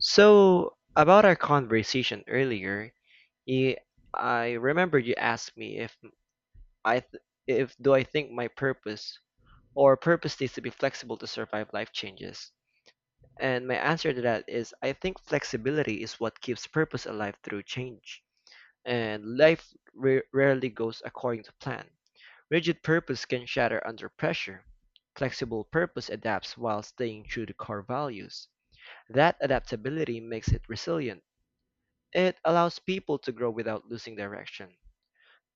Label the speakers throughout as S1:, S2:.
S1: So, about our conversation earlier, you, I remember you asked me if if do I think my purpose or purpose needs to be flexible to survive life changes. And my answer to that is I think flexibility is what keeps purpose alive through change. And life rarely goes according to plan. Rigid purpose can shatter under pressure. Flexible purpose adapts while staying true to core values. That adaptability makes it resilient. It allows people to grow without losing direction.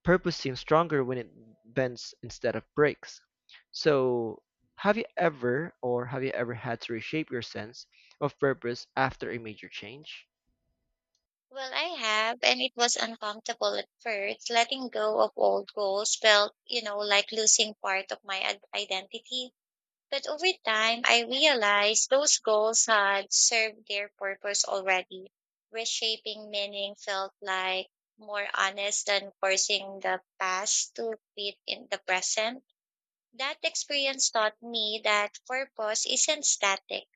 S1: Purpose seems stronger when it bends instead of breaks. So, have you ever had to reshape your sense of purpose after a major change?
S2: Well, I have, and it was uncomfortable at first. Letting go of old goals felt, like losing part of my identity. But over time, I realized those goals had served their purpose already. Reshaping meaning felt like more honest than forcing the past to fit in the present. That experience taught me that purpose isn't static.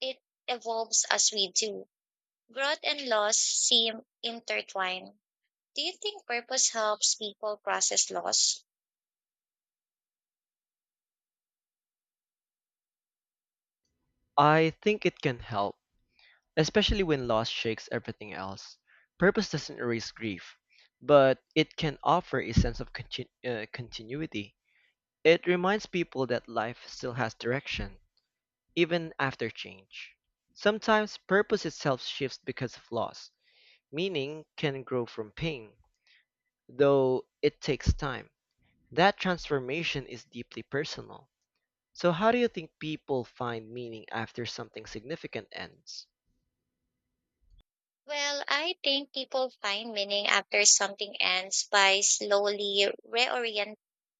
S2: It evolves as we do. Growth and loss seem intertwined. Do you think purpose helps people process loss?
S1: I think it can help, especially when loss shakes everything else. Purpose doesn't erase grief, but it can offer a sense of continuity. It reminds people that life still has direction even after change. Sometimes purpose itself shifts because of loss. Meaning can grow from pain, though it takes time. That transformation is deeply personal. So, how do you think people find meaning after something significant ends?
S2: Well, I think people find meaning after something ends by slowly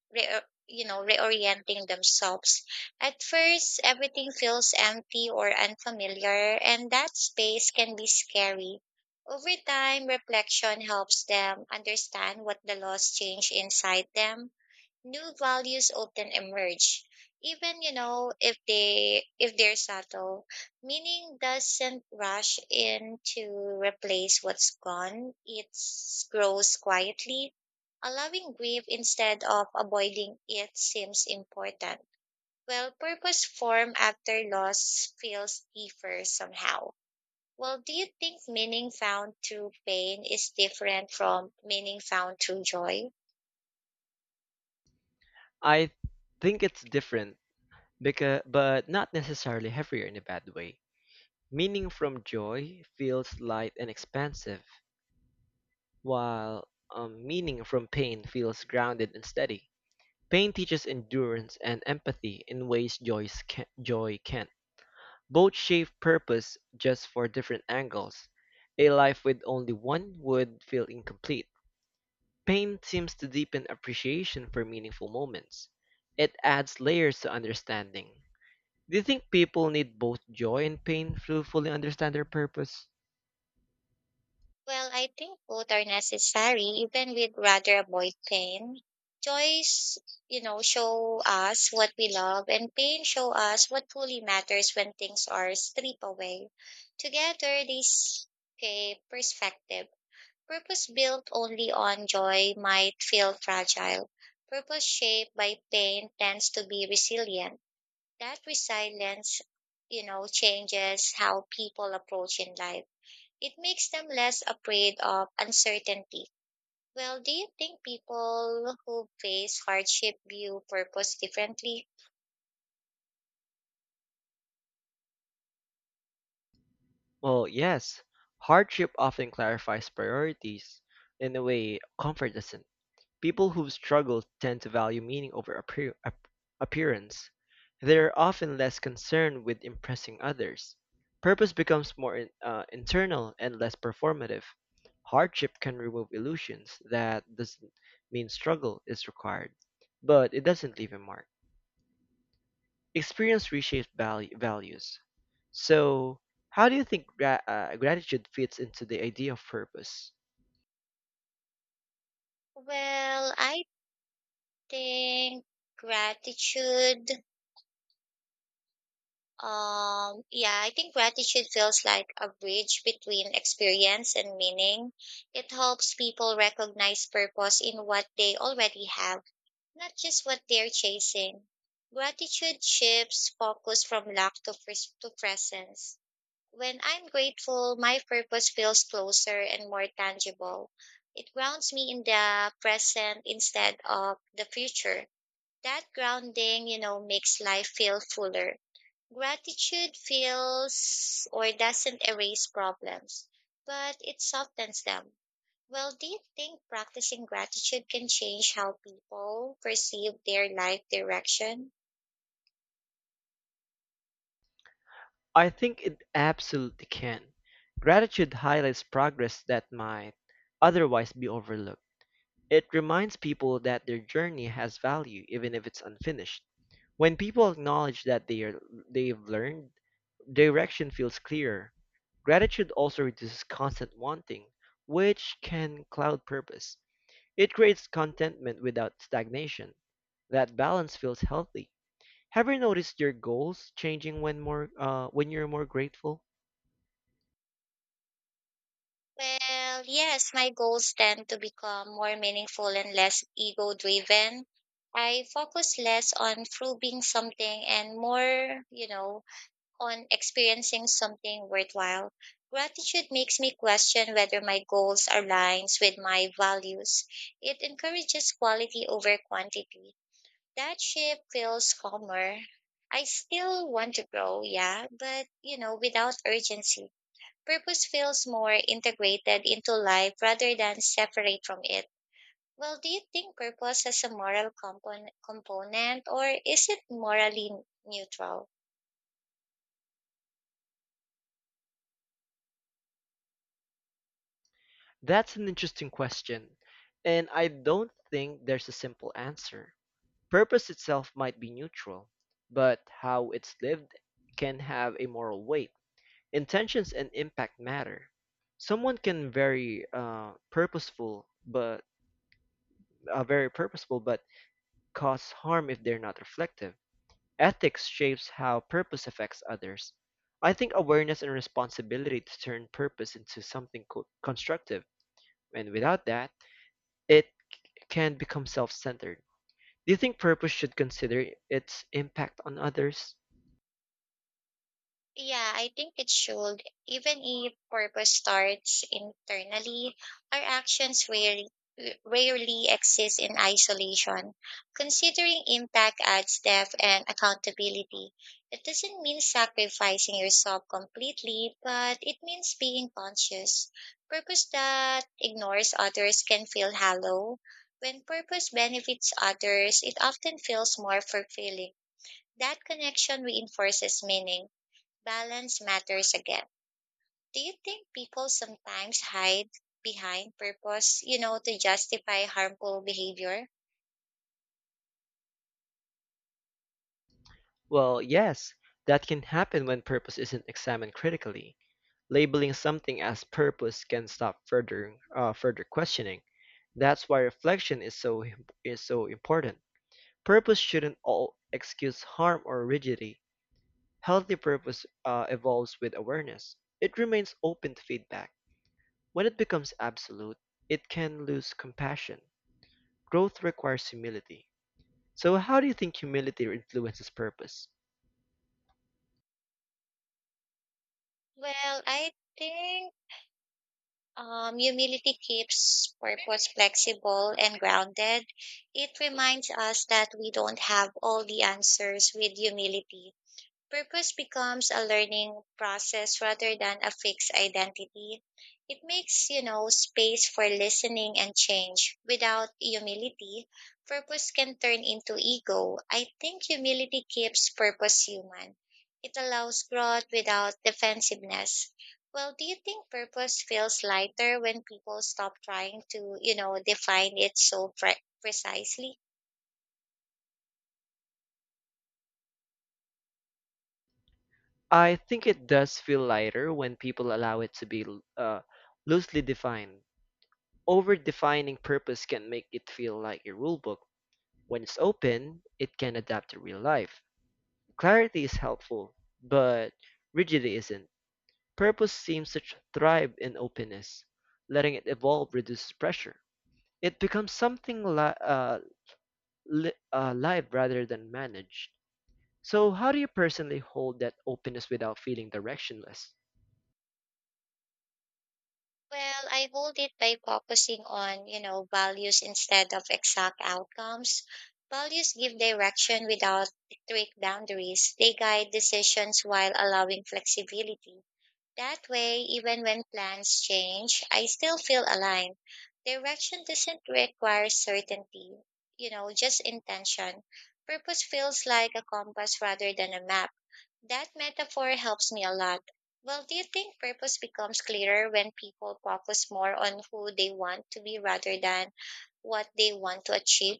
S2: re, reorienting themselves. At first, everything feels empty or unfamiliar, and that space can be scary. Over time, reflection helps them understand what the loss changed inside them. New values often emerge, even if they're subtle. Meaning doesn't rush in to replace what's gone. It grows quietly. Allowing grief instead of avoiding it seems important. Well, purpose form after loss feels deeper somehow. Well, do you think meaning found through pain is different from meaning found through joy?
S1: I think it's different, because, but not necessarily heavier in a bad way. Meaning from joy feels light and expansive, while meaning from pain feels grounded and steady. Pain teaches endurance and empathy in ways joy can't. Both shape purpose just for different angles. A life with only one would feel incomplete. Pain seems to deepen appreciation for meaningful moments. It adds layers to understanding. Do you think people need both joy and pain to fully understand their purpose?
S2: Well, I think both are necessary, even we'd rather avoid pain. Joys, show us what we love, and pain show us what truly matters when things are stripped away. Together, they shape perspective. Purpose built only on joy might feel fragile. Purpose shaped by pain tends to be resilient. That resilience, changes how people approach in life. It makes them less afraid of uncertainty. Well, do you think people who face hardship view purpose differently?
S1: Well, yes. Hardship often clarifies priorities in a way comfort doesn't. People who struggle tend to value meaning over appearance. They are often less concerned with impressing others. Purpose becomes more internal and less performative. Hardship can remove illusions that doesn't mean struggle is required, but it doesn't leave a mark. Experience reshapes values. So, how do you think gratitude fits into the idea of purpose?
S2: Well, I think gratitude yeah, I think gratitude feels like a bridge between experience and meaning. It helps people recognize purpose in what they already have, not just what they're chasing. Gratitude shifts focus from lack to, to presence. When I'm grateful, my purpose feels closer and more tangible. It grounds me in the present instead of the future. That grounding, makes life feel fuller. Gratitude feels or doesn't erase problems, but it softens them. Well, do you think practicing gratitude can change how people perceive their life direction?
S1: I think it absolutely can. Gratitude highlights progress that might otherwise be overlooked. It reminds people that their journey has value even if it's unfinished. When people acknowledge that they've learned, direction feels clearer. Gratitude also reduces constant wanting, which can cloud purpose. It creates contentment without stagnation. That balance feels healthy. Have you noticed your goals changing when more when you're more grateful?
S2: Well, yes, my goals tend to become more meaningful and less ego driven. I focus less on proving something and more, on experiencing something worthwhile. Gratitude makes me question whether my goals aligns with my values. It encourages quality over quantity. That shift feels calmer. I still want to grow, yeah, but without urgency. Purpose feels more integrated into life rather than separate from it. Well, do you think purpose has a moral component, or is it morally neutral?
S1: That's an interesting question, and I don't think there's a simple answer. Purpose itself might be neutral, but how it's lived can have a moral weight. Intentions and impact matter. Someone can very purposeful, but very purposeful, but cause harm if they're not reflective. Ethics shapes how purpose affects others. I think awareness and responsibility to turn purpose into something constructive, and without that, it can become self-centered. Do you think purpose should consider its impact on others?
S2: Yeah, I think it should. Even if purpose starts internally, our actions rarely exist in isolation. Considering impact adds depth and accountability. It doesn't mean sacrificing yourself completely, but it means being conscious. Purpose that ignores others can feel hollow. When purpose benefits others, it often feels more fulfilling. That connection reinforces meaning. Balance matters again. Do you think people sometimes hide behind purpose, to justify harmful behavior?
S1: Well, yes, that can happen when purpose isn't examined critically. Labeling something as purpose can stop further questioning. That's why reflection is is so important. Purpose shouldn't all excuse harm or rigidity. Healthy purpose evolves with awareness. It remains open to feedback. When it becomes absolute, it can lose compassion. Growth requires humility. So, how do you think humility influences purpose?
S2: Well, I think humility keeps purpose flexible and grounded. It reminds us that we don't have all the answers with humility. Purpose becomes a learning process rather than a fixed identity. It makes, space for listening and change. Without humility, purpose can turn into ego. I think humility keeps purpose human. It allows growth without defensiveness. Well, do you think purpose feels lighter when people stop trying to, define it so precisely?
S1: I think it does feel lighter when people allow it to be uh, loosely defined. Over defining purpose can make it feel like a rule book. When it's open, it can adapt to real life. Clarity is helpful, but rigidity isn't. Purpose seems to thrive in openness. Letting it evolve reduces pressure. It becomes something live rather than managed. So, how do you personally hold that openness without feeling directionless?
S2: Well, I hold it by focusing on, values instead of exact outcomes. Values give direction without strict boundaries. They guide decisions while allowing flexibility. That way, even when plans change, I still feel aligned. Direction doesn't require certainty, just intention. Purpose feels like a compass rather than a map. That metaphor helps me a lot. Well, do you think purpose becomes clearer when people focus more on who they want to be rather than what they want to achieve?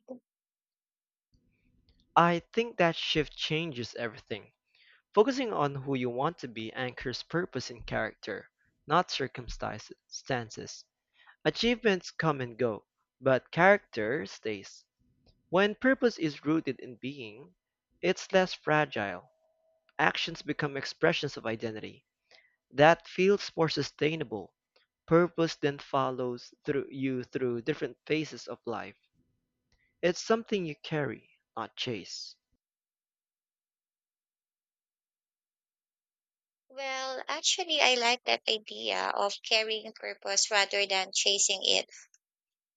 S1: I think that shift changes everything. Focusing on who you want to be anchors purpose in character, not circumstances. Achievements come and go, but character stays. When purpose is rooted in being, it's less fragile. Actions become expressions of identity. That feels more sustainable. Purpose then follows through you through different phases of life. It's something you carry, not chase.
S2: Well, actually, I like that idea of carrying purpose rather than chasing it.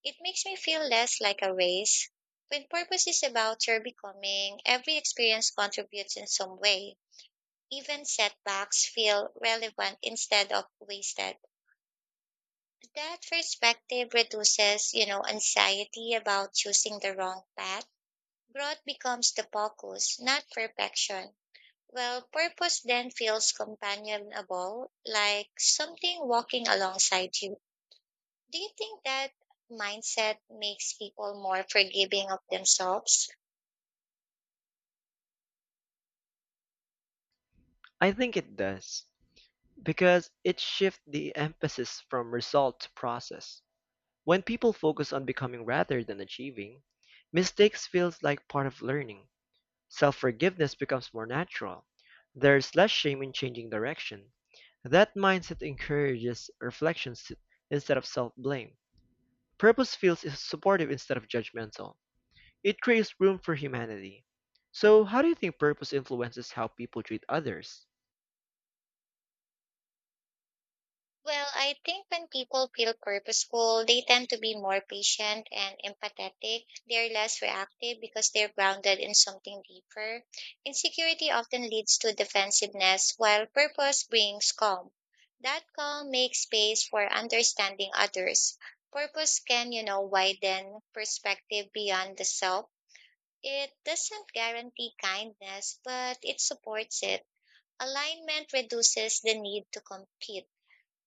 S2: It makes me feel less like a race. When purpose is about your becoming, every experience contributes in some way. Even setbacks feel relevant instead of wasted. That perspective reduces, anxiety about choosing the wrong path. Growth becomes the focus, not perfection. Well, purpose then feels companionable, like something walking alongside you. Do you think that mindset makes people more forgiving of themselves?
S1: I think it does, because it shifts the emphasis from result to process. When people focus on becoming rather than achieving, mistakes feels like part of learning. Self-forgiveness becomes more natural. There's less shame in changing direction. That mindset encourages reflections instead of self-blame. Purpose feels supportive instead of judgmental. It creates room for humanity. So, how do you think purpose influences how people treat others?
S2: Well, I think when people feel purposeful, they tend to be more patient and empathetic. They're less reactive because they're grounded in something deeper. Insecurity often leads to defensiveness, while purpose brings calm. That calm makes space for understanding others. Purpose can, widen perspective beyond the self. It doesn't guarantee kindness, but it supports it. Alignment reduces the need to compete.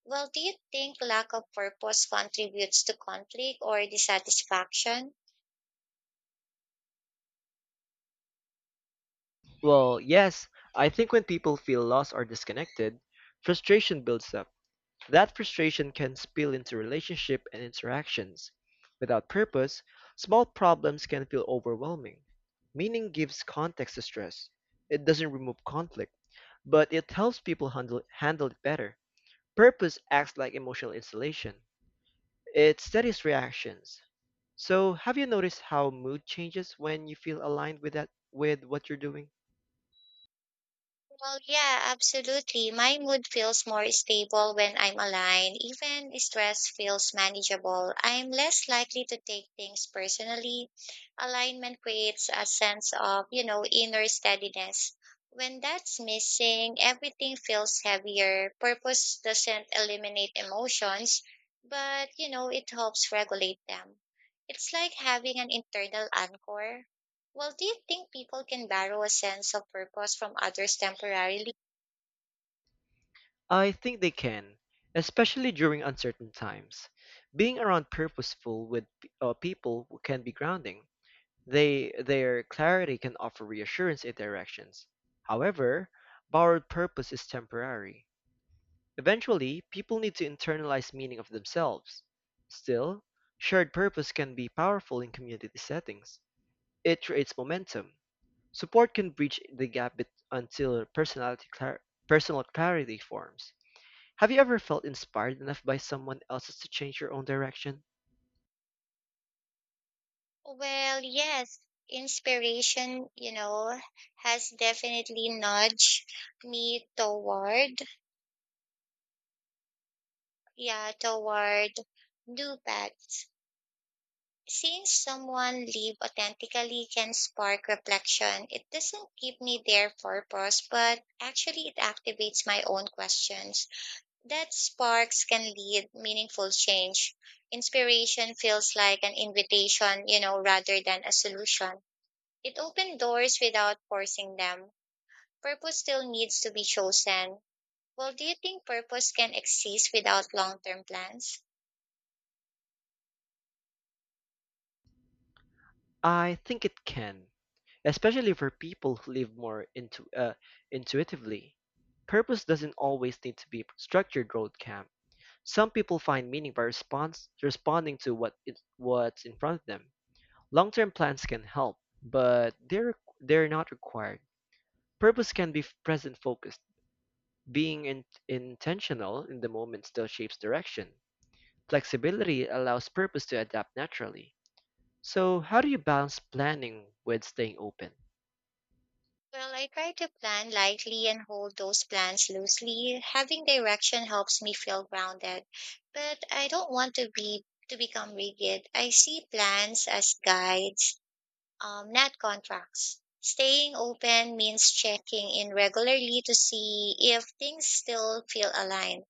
S2: Well, do you think lack of purpose contributes to conflict or dissatisfaction?
S1: Well, yes, I think when people feel lost or disconnected, frustration builds up. That frustration can spill into relationship and interactions. Without purpose, small problems can feel overwhelming. Meaning gives context to stress. It doesn't remove conflict, but it helps people handle it better. Purpose acts like emotional insulation. It steadies reactions. So, have you noticed how mood changes when you feel aligned with that with what you're doing?
S2: Well, yeah, absolutely. My mood feels more stable when I'm aligned. Even stress feels manageable. I'm less likely to take things personally. Alignment creates a sense of, inner steadiness. When that's missing, everything feels heavier. Purpose doesn't eliminate emotions, but, it helps regulate them. It's like having an internal anchor. Well, do you think people can borrow a sense of purpose from others temporarily?
S1: I think they can, especially during uncertain times. Being around people can be grounding. They their clarity can offer reassurance in directions. However, borrowed purpose is temporary. Eventually, people need to internalize meaning of themselves. Still, shared purpose can be powerful in community settings. It creates momentum. Support can bridge the until personal clarity forms. Have you ever felt inspired enough by someone else's to change your own direction?
S2: Well, yes. Inspiration, has definitely nudged me toward, yeah, toward new paths. Seeing someone live authentically can spark reflection. It doesn't give me their purpose, but actually it activates my own questions. That sparks can lead meaningful change. Inspiration feels like an invitation, rather than a solution. It opens doors without forcing them. Purpose still needs to be chosen. Well, do you think purpose can exist without long term plans?
S1: I think it can, especially for people who live more intuitively. Purpose doesn't always need to be structured road camp. Some people find meaning by response responding to what's in front of them. Long-term plans can help, but they're not required. Purpose can be present focused. Being intentional in the moment still shapes direction. Flexibility allows purpose to adapt naturally. So, how do you balance planning with staying open?
S2: Well, I try to plan lightly and hold those plans loosely. Having direction helps me feel grounded, but I don't want to be to become rigid. I see plans as guides, not contracts. Staying open means checking in regularly to see if things still feel aligned.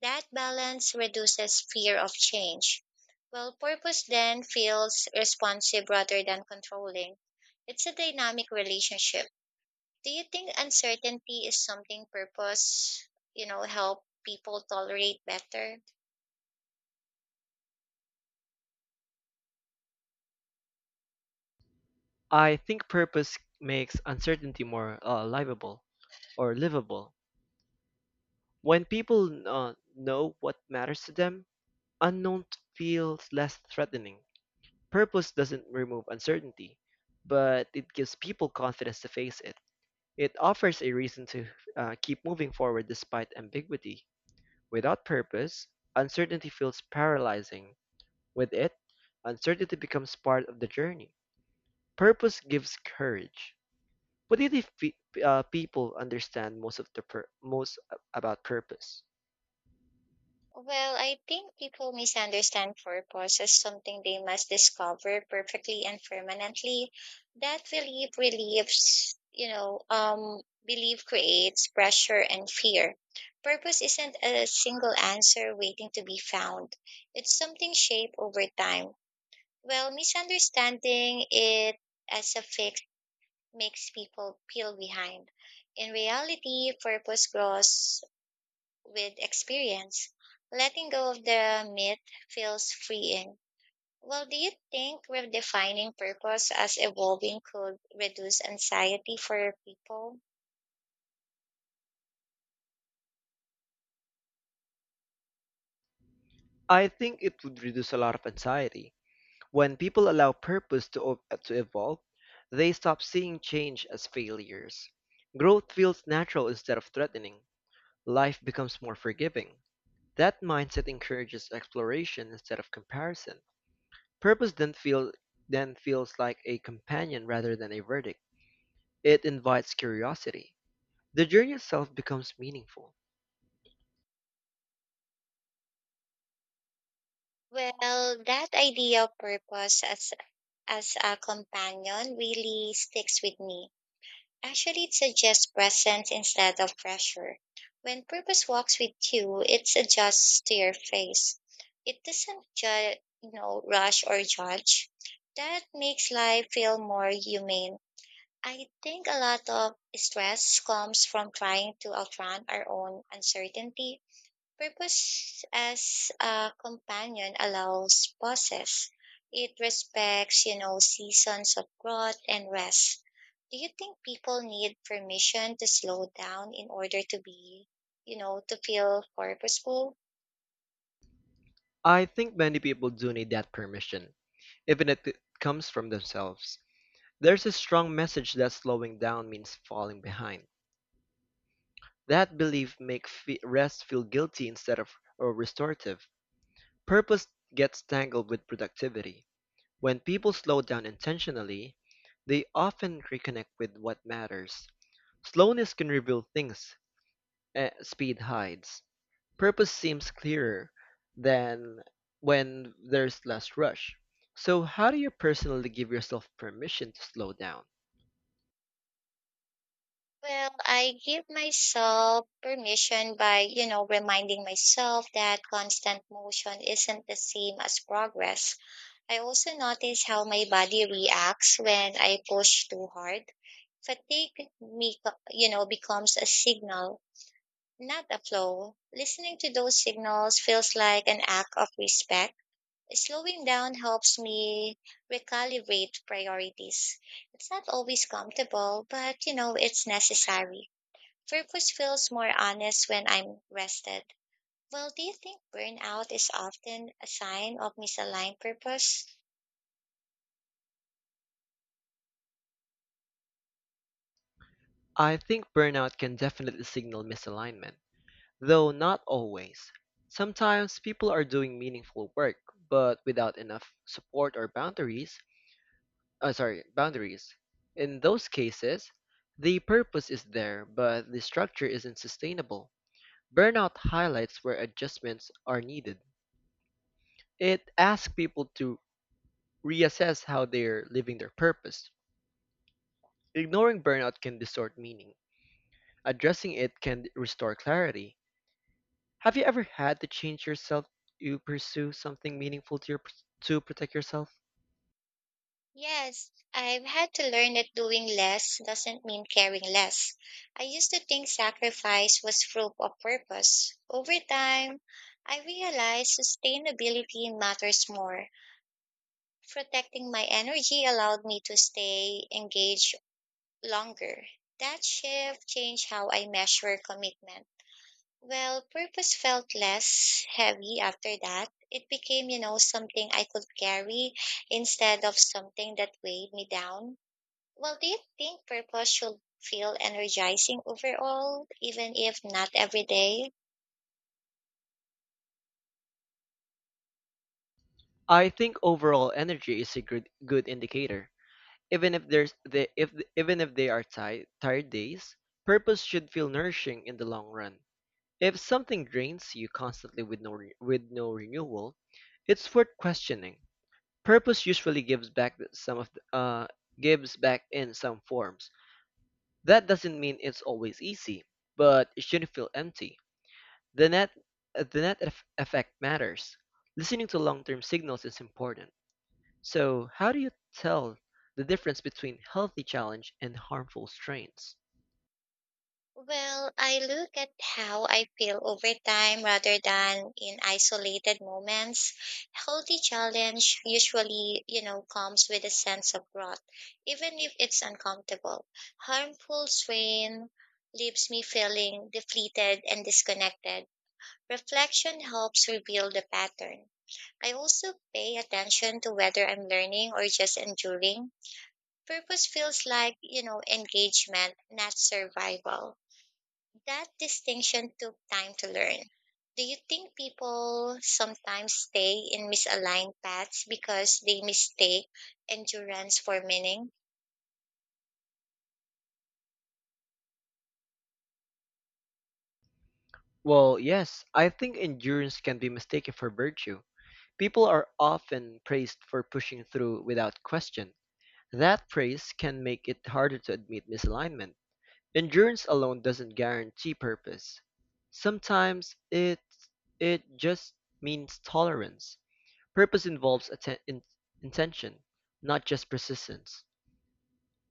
S2: That balance reduces fear of change. Well, purpose then feels responsive rather than controlling. It's a dynamic relationship. Do you think uncertainty is something purpose, help people tolerate better?
S1: I think purpose makes uncertainty more livable or livable. When people know what matters to them, unknown feels less threatening. Purpose doesn't remove uncertainty, but it gives people confidence to face it. It offers a reason to keep moving forward despite ambiguity. Without purpose, uncertainty feels paralyzing. With it, uncertainty becomes part of the journey. Purpose gives courage. What do you think people understand most most about purpose?
S2: Well, I think people misunderstand purpose as something they must discover perfectly and permanently. That belief relieves, you know, belief creates pressure and fear. Purpose isn't a single answer waiting to be found. It's something shaped over time. Well, misunderstanding it as a fix makes people feel behind. In reality, purpose grows with experience. Letting go of the myth feels freeing. Well, do you think redefining purpose as evolving could reduce anxiety for people?
S1: I think it would reduce a lot of anxiety. When people allow purpose to evolve, they stop seeing change as failures. Growth feels natural instead of threatening. Life becomes more forgiving. That mindset encourages exploration instead of comparison. Purpose then feel then feels like a companion rather than a verdict. It invites curiosity. The journey itself becomes meaningful.
S2: Well, that idea of purpose as a companion really sticks with me. Actually, it suggests presence instead of pressure. When purpose walks with you, it adjusts to your face. It doesn't rush or judge. That makes life feel more humane. I think a lot of stress comes from trying to outrun our own uncertainty. Purpose as a companion allows pauses. It respects, seasons of growth and rest. Do you think people need permission to slow down in order to be, to feel purposeful?
S1: I think many people do need that permission, even if it comes from themselves. There's a strong message that slowing down means falling behind. That belief makes rest feel guilty instead of or restorative. Purpose gets tangled with productivity. When people slow down intentionally, they often reconnect with what matters. Slowness can reveal things speed hides. Purpose seems clearer than when there's less rush. So, how do you personally give yourself permission to slow down?
S2: Well, I give myself permission by, reminding myself that constant motion isn't the same as progress. I also notice how my body reacts when I push too hard. Fatigue becomes a signal, not a flaw. Listening to those signals feels like an act of respect. Slowing down helps me recalibrate priorities. It's not always comfortable, but it's necessary. Purpose feels more honest when I'm rested. Well, do you think burnout is often a sign of misaligned purpose?
S1: I think burnout can definitely signal misalignment, though not always. Sometimes people are doing meaningful work, but without enough support or boundaries. Sorry, boundaries. In those cases, the purpose is there, but the structure isn't sustainable. Burnout highlights where adjustments are needed. It asks people to reassess how they're living their purpose. Ignoring burnout can distort meaning. Addressing it can restore clarity. Have you ever had to change yourself to pursue something meaningful to protect yourself?
S2: Yes, I've had to learn that doing less doesn't mean caring less. I used to think sacrifice was proof of purpose. Over time, I realized sustainability matters more. Protecting my energy allowed me to stay engaged longer. That shift changed how I measure commitment. Well, purpose felt less heavy after that. It became, something I could carry instead of something that weighed me down. Well, do you think purpose should feel energizing overall, even if not every day?
S1: I think overall energy is a good indicator. Even if there's the, if Even if they are tired days, purpose should feel nourishing in the long run. If something drains you constantly with no renewal, it's worth questioning. Purpose usually gives back in some forms. That doesn't mean it's always easy, but it shouldn't feel empty. The net the net effect matters. Listening to long-term signals is important. So, how do you tell the difference between healthy challenge and harmful strains?
S2: Well, I look at how I feel over time rather than in isolated moments. Healthy challenge usually, comes with a sense of growth, even if it's uncomfortable. Harmful strain leaves me feeling depleted and disconnected. Reflection helps reveal the pattern. I also pay attention to whether I'm learning or just enduring. Purpose feels like, engagement, not survival. That distinction took time to learn. Do you think people sometimes stay in misaligned paths because they mistake endurance for meaning?
S1: Well, yes, I think endurance can be mistaken for virtue. People are often praised for pushing through without question. That praise can make it harder to admit misalignment. Endurance alone doesn't guarantee purpose. Sometimes it just means tolerance. Purpose involves intention, not just persistence.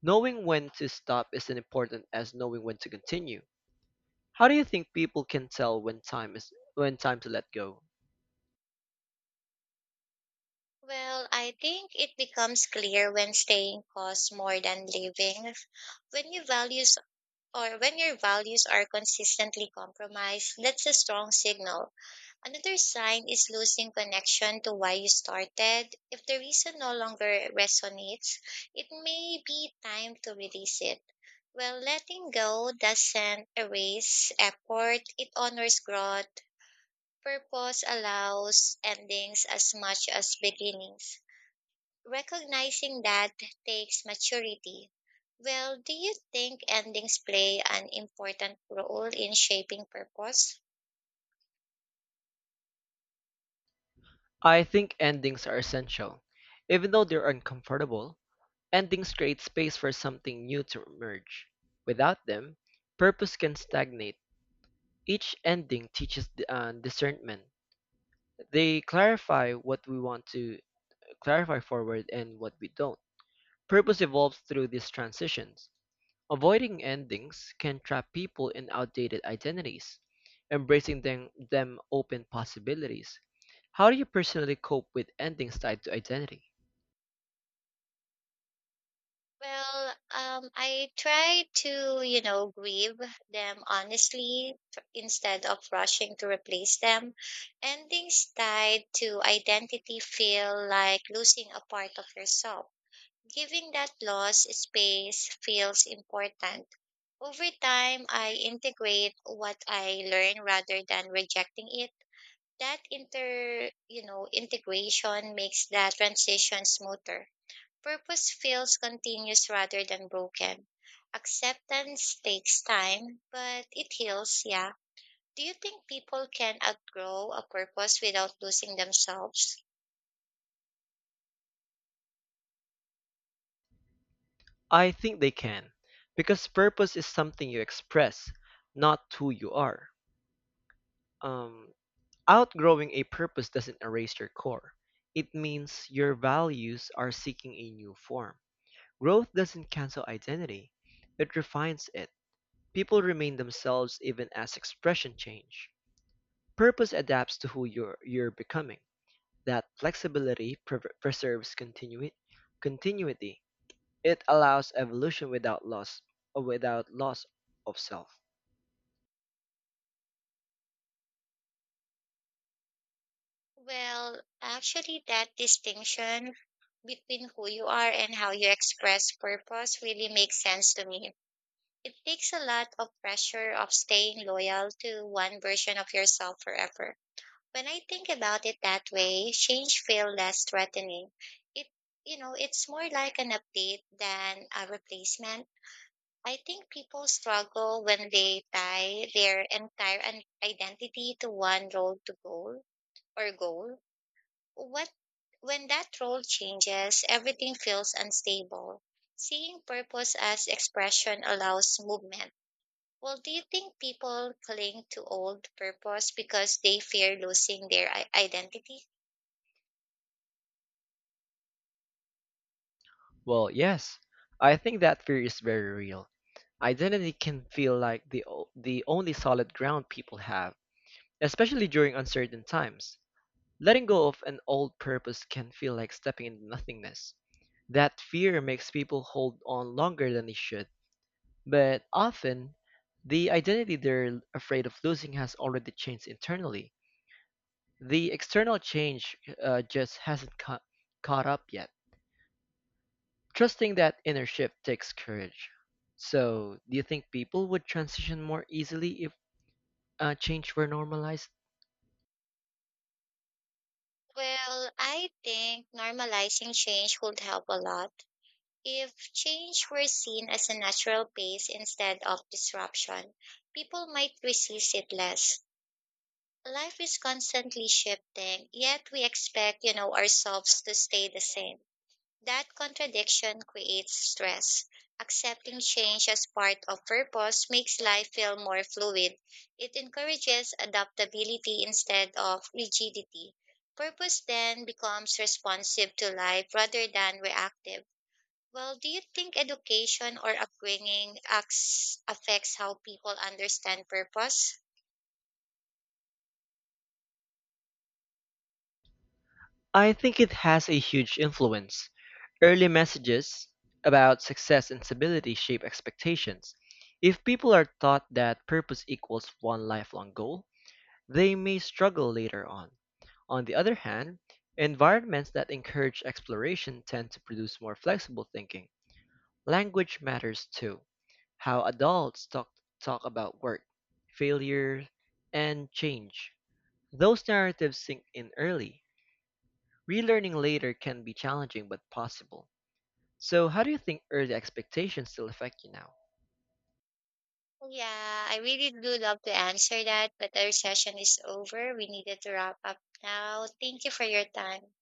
S1: Knowing when to stop is as important as knowing when to continue. How do you think people can tell when time to let go?
S2: Well, I think it becomes clear when staying costs more than living. When your values when your values are consistently compromised, that's a strong signal. Another sign is losing connection to why you started. If the reason no longer resonates, it may be time to release it. Well, letting go doesn't erase effort, it honors growth. Purpose allows endings as much as beginnings. Recognizing that takes maturity. Well, do you think endings play an important role in shaping purpose?
S1: I think endings are essential. Even though they're uncomfortable, endings create space for something new to emerge. Without them, purpose can stagnate. Each ending teaches discernment. They clarify forward and what we don't. Purpose evolves through these transitions. Avoiding endings can trap people in outdated identities, embracing them open possibilities. How do you personally cope with endings tied to identity?
S2: Well, I try to, grieve them honestly instead of rushing to replace them. Endings tied to identity feel like losing a part of yourself. Giving that loss space feels important. Over time, I integrate what I learn rather than rejecting it. That integration makes that transition smoother. Purpose feels continuous rather than broken. Acceptance takes time, but it heals, yeah. Do you think people can outgrow a purpose without losing themselves?
S1: I think they can, because purpose is something you express, not who you are. Um, Outgrowing a purpose doesn't erase your core. It means your values are seeking a new form. Growth doesn't cancel identity, it refines it. People remain themselves even as expression change. Purpose adapts to you're becoming. That flexibility preserves continuity. It allows evolution without loss of self.
S2: Well, actually, that distinction between who you are and how you express purpose really makes sense to me. It takes a lot of pressure of staying loyal to one version of yourself forever. When I think about it that way, change feels less threatening. It, it's more like an update than a replacement. I think people struggle when they tie their entire identity to one role to goal or goal. What when that role changes, everything feels unstable. Seeing purpose as expression allows movement. Well, do you think people cling to old purpose because they fear losing their identity?
S1: Well, yes, I think that fear is very real. Identity can feel like the only solid ground people have, especially during uncertain times. Letting go of an old purpose can feel like stepping into nothingness. That fear makes people hold on longer than they should. But often, the identity they're afraid of losing has already changed internally. The external change just hasn't caught up yet. Trusting that inner shift takes courage. So, do you think people would transition more easily if change were normalized?
S2: Well, I think normalizing change would help a lot. If change were seen as a natural pace instead of disruption, people might resist it less. Life is constantly shifting, yet we expect, ourselves to stay the same. That contradiction creates stress. Accepting change as part of purpose makes life feel more fluid. It encourages adaptability instead of rigidity. Purpose then becomes responsive to life rather than reactive. Well, do you think education or upbringing affects how people understand purpose?
S1: I think it has a huge influence. Early messages about success and stability shape expectations. If people are taught that purpose equals one lifelong goal, they may struggle later on. On the other hand, environments that encourage exploration tend to produce more flexible thinking. Language matters too. How adults talk about work, failure, and change. Those narratives sink in early. Relearning later can be challenging but possible. So, how do you think early expectations still affect you now?
S2: Yeah, I really do love to answer that, but our session is over. We needed to wrap up now. Thank you for your time.